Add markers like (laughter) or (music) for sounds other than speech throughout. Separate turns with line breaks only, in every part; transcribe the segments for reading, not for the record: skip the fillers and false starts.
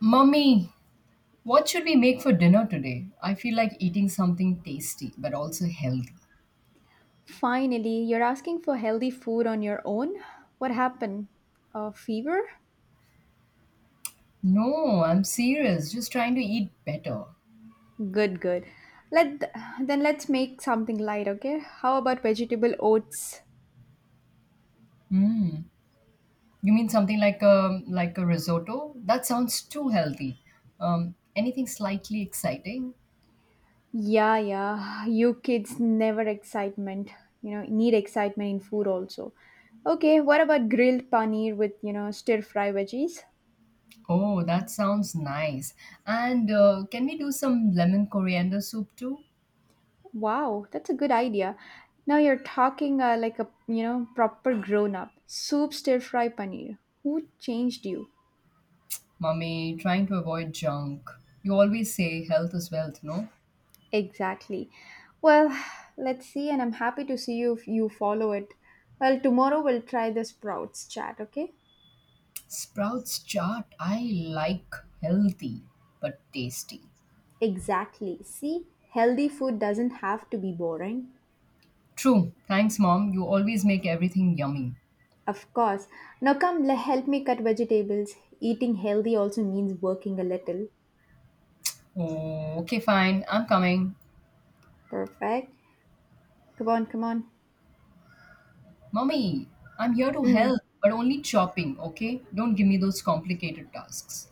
Mummy, what should we make for dinner today? I feel like eating something tasty but also healthy.
Finally, you're asking for healthy food on your own? What happened? A fever?
No, I'm serious. Just trying to eat better.
Good, good. Let then let's make something light, okay? How about vegetable oats?
Hmm. You mean something like a risotto? That sounds too healthy. Anything slightly exciting?
Yeah, yeah. You kids never excitement. You know, need excitement in food also. Okay, what about grilled paneer with, stir fry veggies?
Oh, that sounds nice. And can we do some lemon coriander soup too?
Wow, that's a good idea. Now you're talking like a, proper grown up. Soup stir fry paneer. Who changed you?
Mummy, trying to avoid junk. You always say health is wealth, no?
Exactly. Well, (sighs) let's see, and I'm happy to see you if you follow it. Well, tomorrow we'll try the sprouts chat, okay?
Sprouts chart, I like healthy but tasty.
Exactly. See, healthy food doesn't have to be boring.
True. Thanks, mom. You always make everything yummy.
Of course. Now come, help me cut vegetables. Eating healthy also means working a little.
Okay, fine. I'm coming.
Perfect. Come on, come on.
Mommy, I'm here to
Mm.
help, but only chopping, okay? Don't give me those complicated tasks.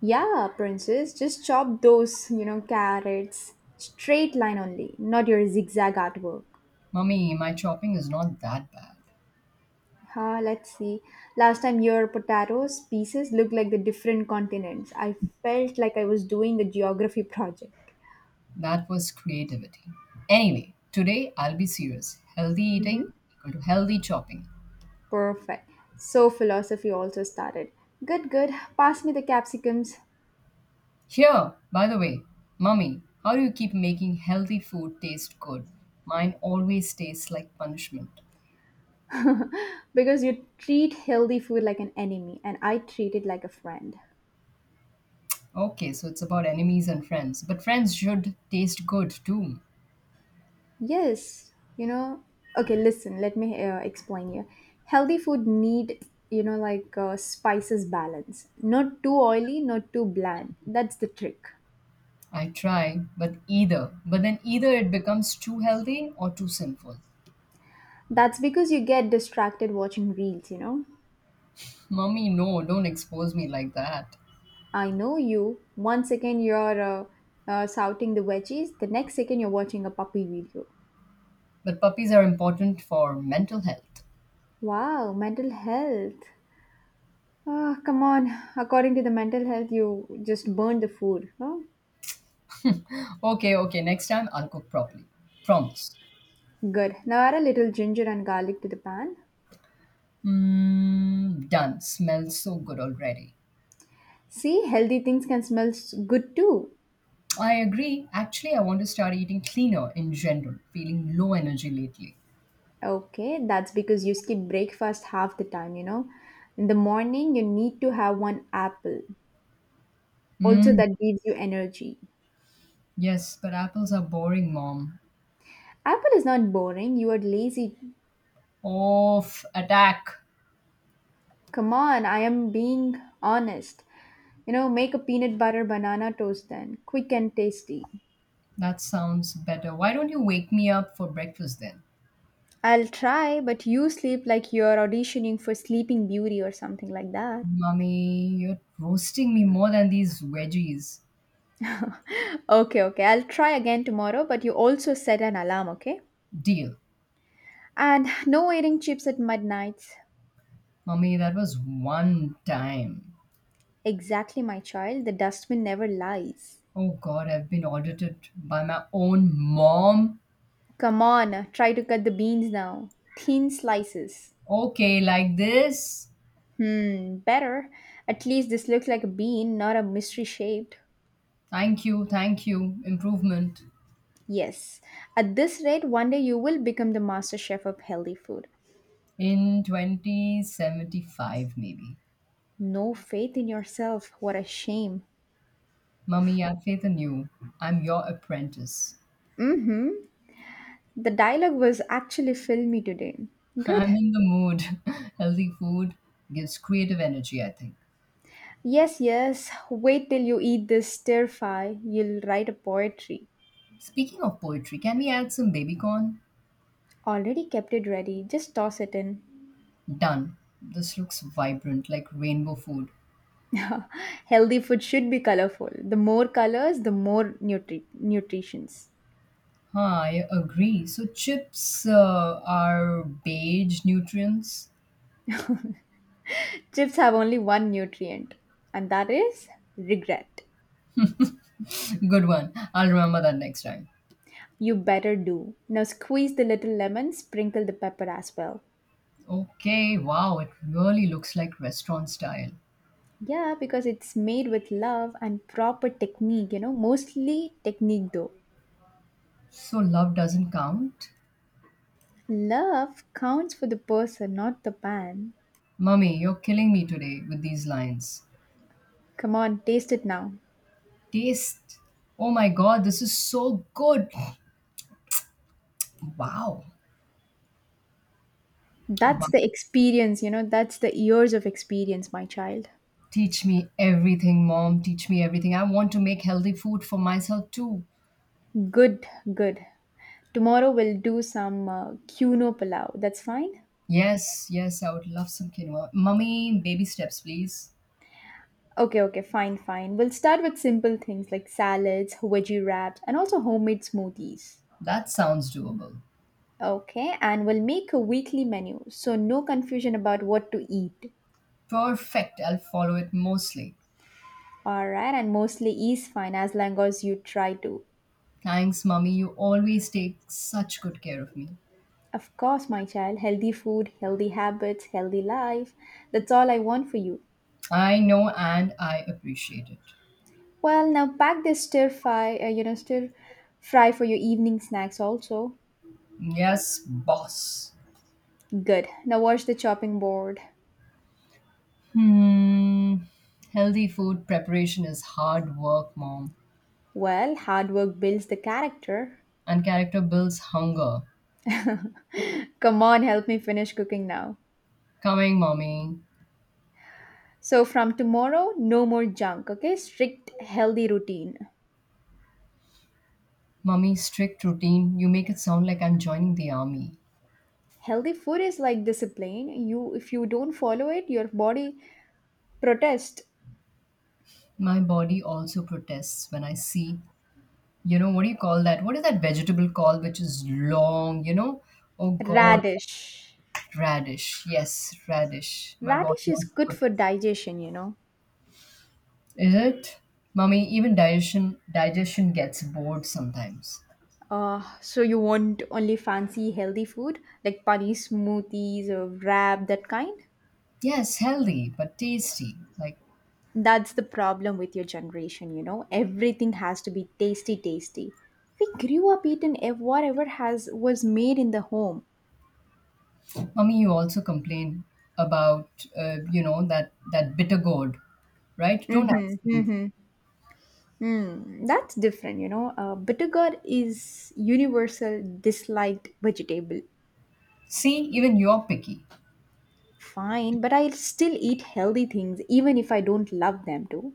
Yeah, princess, just chop those, carrots. Straight line only, not your zigzag artwork.
Mommy, my chopping is not that bad.
Huh, let's see. Last time your potatoes pieces looked like the different continents. I felt like I was doing a geography project.
That was creativity. Anyway, today I'll be serious. Healthy eating equal to healthy chopping.
Perfect. So philosophy also started. Good, good. Pass me the capsicums.
Here, by the way, mummy, how do you keep making healthy food taste good? Mine always tastes like punishment.
Because you treat healthy food like an enemy and I treat it like a friend.
Okay, so it's about enemies and friends, but friends should taste good too.
Yes, you know. Okay, listen, let me explain you. Healthy food need, like spices balance. Not too oily, not too bland. That's the trick.
I try, but either, but then either it becomes too healthy or too sinful.
That's because you get distracted watching reels.
Mummy, no, don't expose me like that.
I know you. One second you're shouting the veggies, the next second you're watching a puppy video.
But puppies are important for mental health.
Wow, mental health. Ah, come on. According to the mental health, you just burn the food. Huh?
Okay, okay, next time I'll cook properly. Promise.
Good. Now add a little ginger and garlic to the pan.
Mmm, done. Smells so good already.
See, healthy things can smell good too.
I agree. Actually, I want to start eating cleaner in general, feeling low energy lately.
Okay, that's because you skip breakfast half the time. In the morning, you need to have one apple. Also,
Mm,
that gives you energy.
yes, but apples are boring, mom.
Apple is not boring. You are lazy.
Off, attack.
Come on, I am being honest. You know, make a peanut butter banana toast then. Quick and tasty.
That sounds better. Why don't you wake me up for breakfast then?
I'll try, but you sleep like you're auditioning for Sleeping Beauty or something like that.
Mummy, you're roasting me more than these veggies.
Okay, okay. I'll try again tomorrow, but you also set an alarm, okay?
Deal.
And no eating chips at midnight.
Mummy, that was one time.
Exactly, my child. The dustbin never lies.
Oh god, I've been audited by my own mom.
Come on, try to cut the beans now. Thin slices.
Okay, like this.
Hmm, better. At least this looks like a bean, not a mystery shaped.
Thank you, thank you. Improvement.
Yes. At this rate, one day you will become the master chef of healthy food.
In 2075, maybe.
No faith in yourself. What a shame.
Mummy, I faith in you. I'm your apprentice.
Mm-hmm. The dialogue was actually filmy today.
(laughs)
Good.
I'm in the mood. (laughs) Healthy food gives creative energy, I think.
Yes, yes. Wait till you eat this stir fry. You'll write a poetry.
Speaking of poetry, can we add some baby corn?
Already kept it ready. Just toss it in.
Done. This looks vibrant, like rainbow food.
(laughs) Healthy food should be colorful. The more colors, the more nutritions.
Huh, I agree. So, chips are beige nutrients.
Chips have only one nutrient, and that is regret.
(laughs) Good one. I'll remember that next time.
You better do. Now squeeze the little lemon, sprinkle the pepper as well.
Okay, wow, it really looks like restaurant style.
Yeah, because it's made with love and proper technique, mostly technique though.
So love doesn't count?
Love counts for the person, not the pan.
Mummy, you're killing me today with these lines.
Come on, taste it now.
Taste. Oh my god, this is so good. Wow. Wow.
That's the experience, that's the years of experience, my child.
Teach me everything, mom. Teach me everything. I want to make healthy food for myself too.
Good, good. Tomorrow we'll do some cuno palau. That's fine.
Yes, yes, I would love some quinoa. Mummy, baby steps, please.
Okay, okay, fine, fine. We'll start with simple things like salads, veggie wraps, and also homemade smoothies.
That sounds doable.
Okay, and we'll make a weekly menu so no confusion about what to eat.
Perfect. I'll follow it mostly.
Alright, and mostly is fine as long as you try to.
Thanks, mummy. You always take such good care of me.
Of course, my child, healthy food, healthy habits, healthy life. That's all I want for you.
I know and I appreciate it.
Well, now pack this stir fry for your evening snacks also.
Yes, boss.
Good. Now wash the chopping board.
Hmm. Healthy food preparation is hard work, mom.
Well, hard work builds the character.
And character builds hunger.
Come on, help me finish cooking now.
Coming, mommy.
So, from tomorrow, no more junk, okay? Strict healthy routine.
Mommy, strict routine. You make it sound like I'm joining the army.
Healthy food is like discipline. You if you don't follow it, your body protest.
My body also protests when I see, you know, what do you call that? What is that vegetable called which is long, you know? Oh God,
Radish.
radish. Yes, radish. My body
Radish is
also
good for
protests.
digestion.
Is it? Mommy, even digestion gets bored sometimes.
So you want only fancy healthy food like pani smoothies or wrap that kind?
Yes, healthy but tasty. Like,
That's the problem with your generation. Everything has to be tasty, tasty. We grew up eating whatever has was made in the home.
mommy, you also complain about you know that bitter gourd, right? Don't ask me.
That's different. Bitter gourd is universal disliked vegetable.
See, even you're picky.
Fine, but I'll still eat healthy things even if I don't love them too.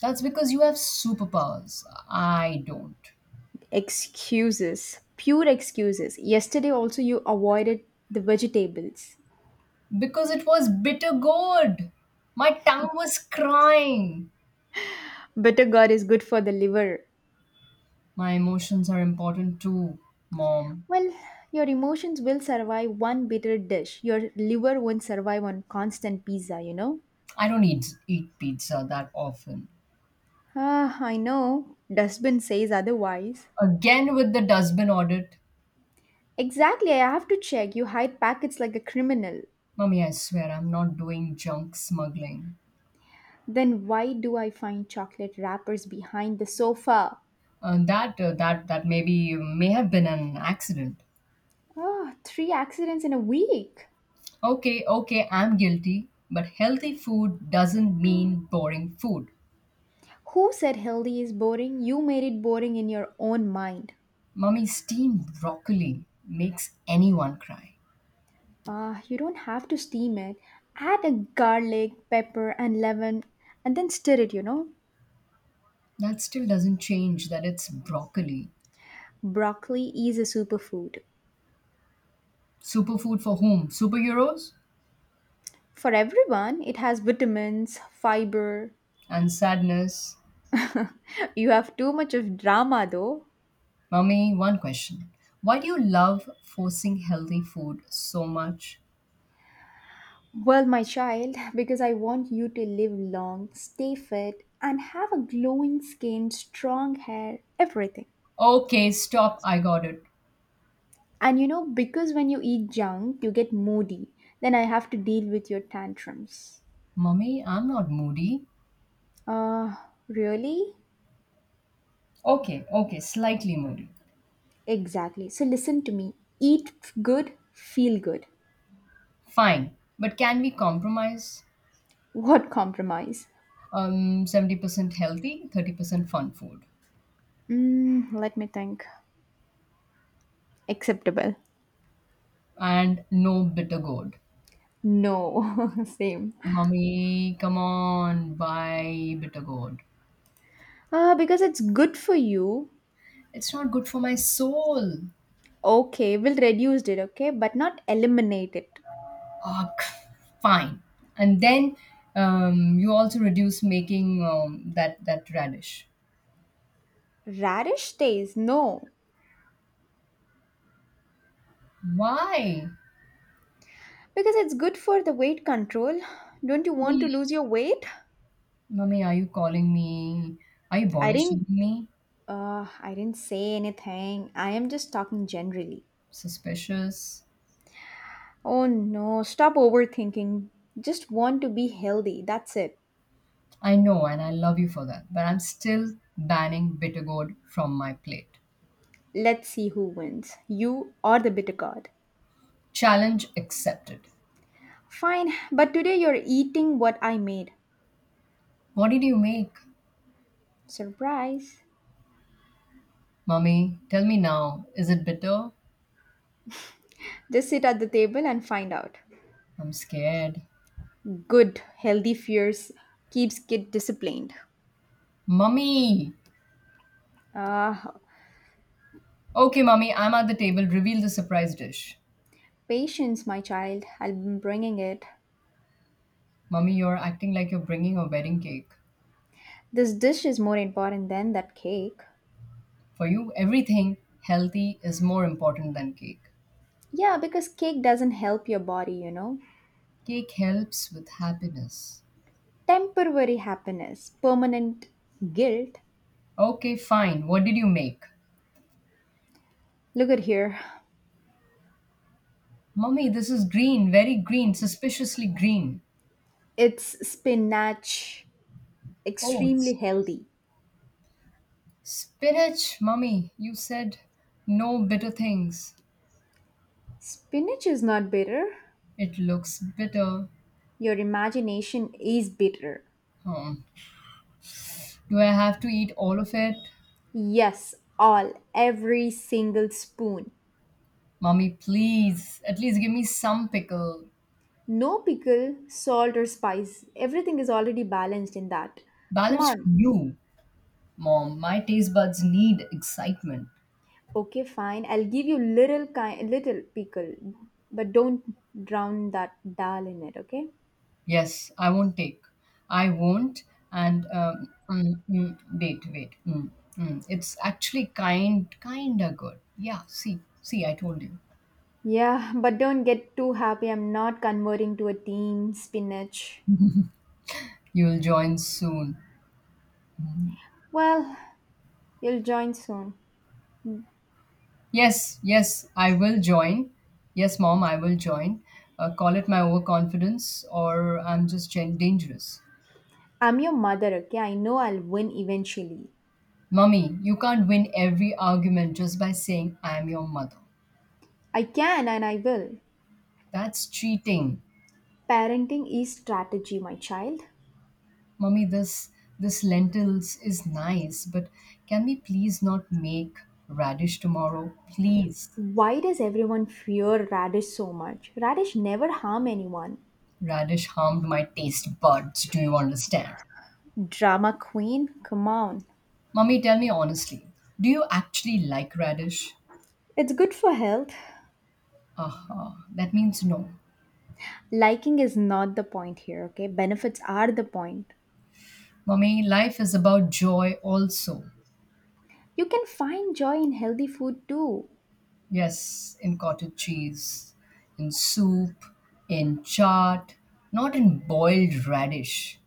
That's because you have superpowers. I don't.
Excuses, pure excuses. Yesterday also you avoided the vegetables.
Because it was bitter gourd. My tongue was crying.
Bitter gourd is good for the liver.
My emotions are important too, mom.
Well, your emotions will survive one bitter dish. Your liver won't survive on constant pizza, you know?
I don't eat pizza that often.
Ah, I know. Dustbin says otherwise.
Again with the dustbin audit.
Exactly, I have to check. You hide packets like a criminal.
Mummy, I swear I'm not doing junk smuggling.
Then why do I find chocolate wrappers behind the sofa?
That maybe may have been an accident.
Ah, three accidents in a week.
Okay, okay, I'm guilty. But healthy food doesn't mean boring food.
Who said healthy is boring? You made it boring in your own mind.
Mummy, steamed broccoli makes anyone cry.
Ah, you don't have to steam it. Add a garlic, pepper, and lemon and then stir it.
That still doesn't change that it's broccoli.
Broccoli is a superfood.
Superfood for whom? Superheroes?
For everyone, it has vitamins, fiber.
And sadness.
(laughs) You have too much of drama though.
Mummy, one question. Why do you love forcing healthy food so much?
Well, my child, because I want you to live long, stay fit, and have a glowing skin, strong hair, everything.
Okay, stop. I got it.
And because when you eat junk, you get moody. Then I have to deal with your tantrums.
Mummy, I'm not moody.
Uh, really?
Okay, okay, slightly moody.
Exactly. So listen to me. Eat good, feel good.
Fine, but can we compromise?
What compromise?
70% healthy, 30% fun food,
Let me think. Acceptable.
and no bitter gourd.
No, (laughs) same.
Mummy, come on, buy bitter gourd.
Ah, because it's good for you.
It's not good for my soul.
Okay, we'll reduce it, okay, but not eliminate it.
Ugh, fine. And then you also reduce making that radish.
Radish stays, no.
Why?
Because it's good for the weight control. Don't you want to
Mummy,
lose your weight?
mummy, are you calling me? Are you
I
body
didn't
shaming me?
I didn't say anything. I am just talking generally.
Suspicious.
Oh no, stop overthinking. Just want to be healthy. That's it.
I know, and I love you for that, but I'm still banning bitter gourd from my plate.
Let's see who wins. You or the bitter gourd.
Challenge accepted.
Fine, but today you're eating what I made.
What did you make?
Surprise.
Mummy, tell me now. Is it bitter?
Just sit at the table and find out.
I'm scared.
Good, healthy fears keeps kid disciplined.
Mummy!
Ah,
Okay, Mummy, I'm at the table. Reveal the surprise dish.
patience, my child. I'll be bringing it.
Mummy, you're acting like you're bringing a wedding cake.
This dish is more important than that cake.
For you, everything healthy is more important than cake.
Yeah, because cake doesn't help your body.
Cake helps with happiness.
Temporary happiness, permanent guilt.
Okay, fine. What did you make?
Look at here.
Mummy, this is green, very green, suspiciously green.
It's spinach,
Oh,
extremely healthy.
spinach, mummy. You said no bitter things.
Spinach is not bitter.
It looks bitter.
Your imagination is bitter.
Hmm. Do I have to eat all of it?
Yes, all, every single spoon.
Mummy, please, at least give me some pickle.
No pickle, salt, or spice. Everything is already balanced in that. Come
Balance for
on.
you, mom. My taste buds need excitement.
Okay, fine. I'll give you little kind, little pickle, but don't drown that dal in it. Okay?
Yes, I won't take. I won't. And mm, mm, wait, wait. Mm, mm. It's actually kinda good. Yeah, see, I told you.
Yeah, (laughs) but don't get too happy. I'm not converting to a team spinach.
You'll join soon.
Well, you'll join soon.
Yes, yes, I will join. Yes, mom, I will join. Call it my overconfidence, or I'm just dangerous.
I'm your mother, okay? I know I'll win eventually.
Mummy, you can't win every argument just by saying I'm your mother.
I can and I will.
That's cheating.
Parenting is strategy, my child.
Mummy, this lentils is nice, but can we please not make radish tomorrow? Please.
Why does everyone fear radish so much? Radish never harm anyone.
Radish harmed my taste buds. Do you understand?
Drama queen, come on.
Mummy, tell me honestly. Do you actually like radish?
It's good for health.
Aha, that means no.
Liking is not the point here, okay? Benefits are the point.
For me, life is about joy also.
You can find joy in healthy food too.
Yes, in cottage cheese, in soup, in chaat, not in boiled radish.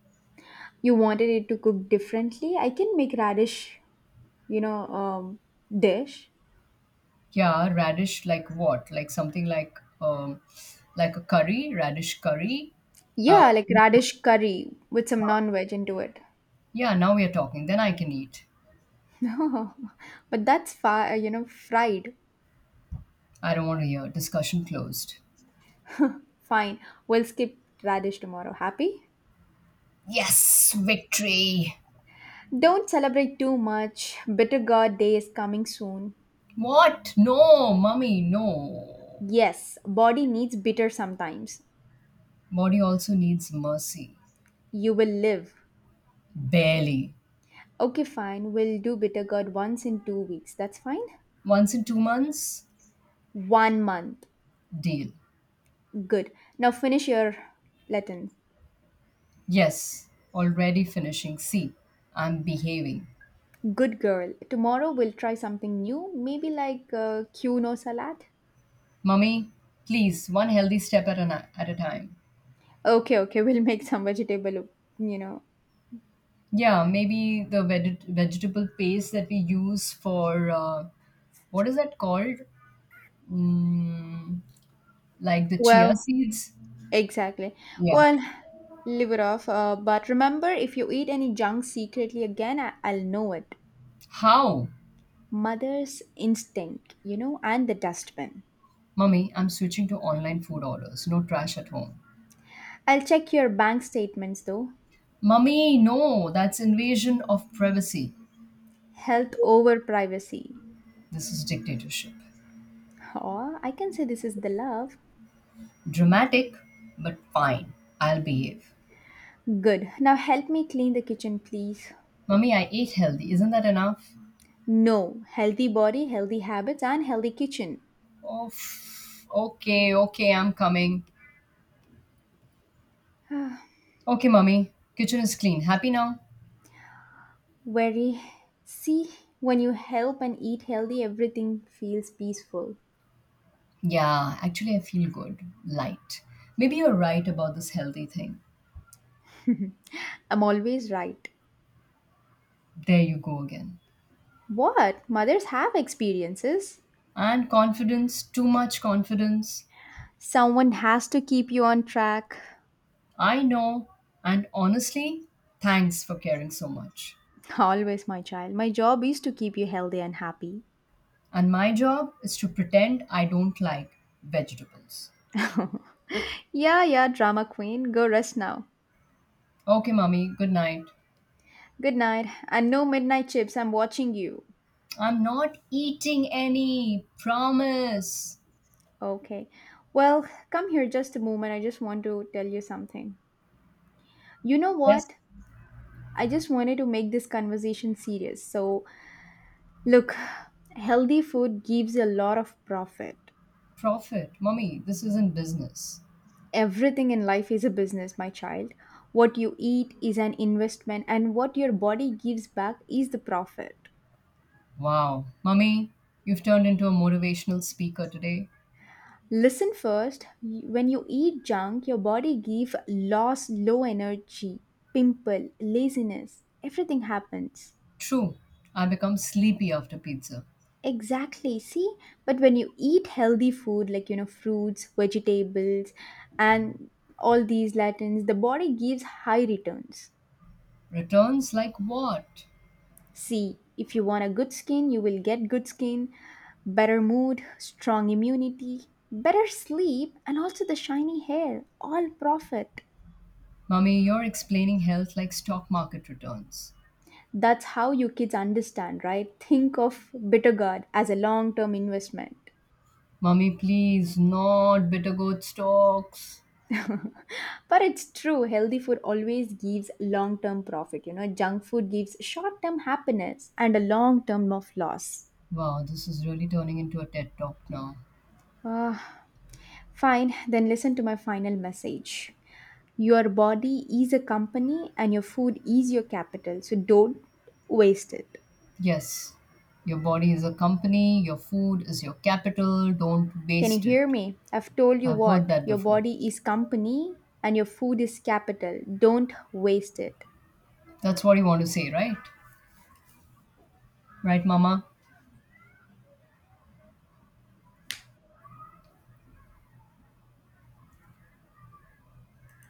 You wanted it to cook differently? I can make radish, you know, um, dish.
Yeah, radish like what? Like something like a curry, radish curry. Uh,
Yeah, like radish curry with some non-veg into it. (laughs)
yeah, now we are talking. Then I can eat.
No, but that's far, fried.
I don't want to hear. Discussion closed.
Fine, we'll skip radish tomorrow. Happy?
Yes, victory.
Don't celebrate too much. Bitter God day is coming soon.
What? No, mummy, no.
Yes, body needs bitter sometimes.
Body also needs mercy.
You will live.
Barely.
Okay, fine. We'll do bitter gourd once in 2 weeks. That's fine.
Once in 2 months?
One month.
Deal.
Good. Now finish your Latin.
Yes, already finishing. See, I'm behaving.
Good girl. Tomorrow we'll try something new. Maybe like quinoa salad.
Mummy, please, one healthy step at a time.
Okay, okay. We'll make some vegetable. You know.
Yeah, maybe the vegetable paste that we use for what is that called? Mm, like the chia
Well,
seeds?
exactly.
Yeah.
Well, leave it off. But remember, if you eat any junk secretly again, I'll know it.
How?
Mother's instinct, and the dustbin.
Mummy, I'm switching to online food orders. No trash at home.
I'll check your bank statements though.
Mummy, no, that's invasion of privacy.
Health over privacy.
This is dictatorship.
Oh, I can say this is the love.
Dramatic, but fine. I'll behave.
Good. Now help me clean the kitchen, please.
Mummy, I ate healthy. Isn't that enough?
No. Healthy body, healthy habits, and healthy kitchen.
Oh, okay, okay, I'm coming.
(sighs)
Okay, Mummy. Kitchen is clean. Happy now?
Very. See, when you help and eat healthy, everything feels peaceful.
Yeah, actually, I feel good. Light. Maybe you're right about this healthy thing.
I'm always right.
There you go again.
What? Mothers have experiences.
And confidence, too much confidence.
Someone has to keep you on track.
I know. And honestly, thanks for caring so much.
Always, my child. My job is to keep you healthy and happy.
And my job is to pretend I don't like vegetables.
Yeah, yeah, drama queen. Go rest now.
Okay, Mummy. Good night.
Good night. And no midnight chips. I'm watching you.
I'm not eating any. Promise.
Okay. Well, come here just a moment. I just want to tell you something. You know
Yes,
what? I just wanted to make this conversation serious. So, look, healthy food gives a lot of profit.
profit. Mummy, this isn't business.
Everything in life is a business, my child. What you eat is an investment, and what your body gives back is the profit.
Wow. Mummy, you've turned into a motivational speaker today.
Listen first when you eat junk, your body gives loss, low energy, pimple, laziness. Everything happens.
True, I become sleepy after pizza.
Exactly, see? But when you eat healthy food like, fruits, vegetables, and all these latins, the body gives high returns.
Returns like what?
See, if you want a good skin, you will get good skin, better mood, strong immunity, better sleep, and also the shiny hair. All profit.
Mummy, you're explaining health like stock market returns.
That's how you kids understand, right? Think of Bitter God as a long term investment.
Mummy, please, not bitter goat stocks.
(laughs) But it's true, healthy food always gives long term profit. You know, junk food gives short term happiness and a long term of loss.
Wow, this is really turning into a TED talk now.
Ah, fine, then listen to my final message. Your body is a company and your food is your capital, so don't waste it.
Yes, your body is a company, your food is your capital, don't
Can you
waste it.
hear me? I've told you
I've heard
what
that
your
before.
body is company and your food is capital. Don't waste it.
That's what you want to say, right? Right, Mama?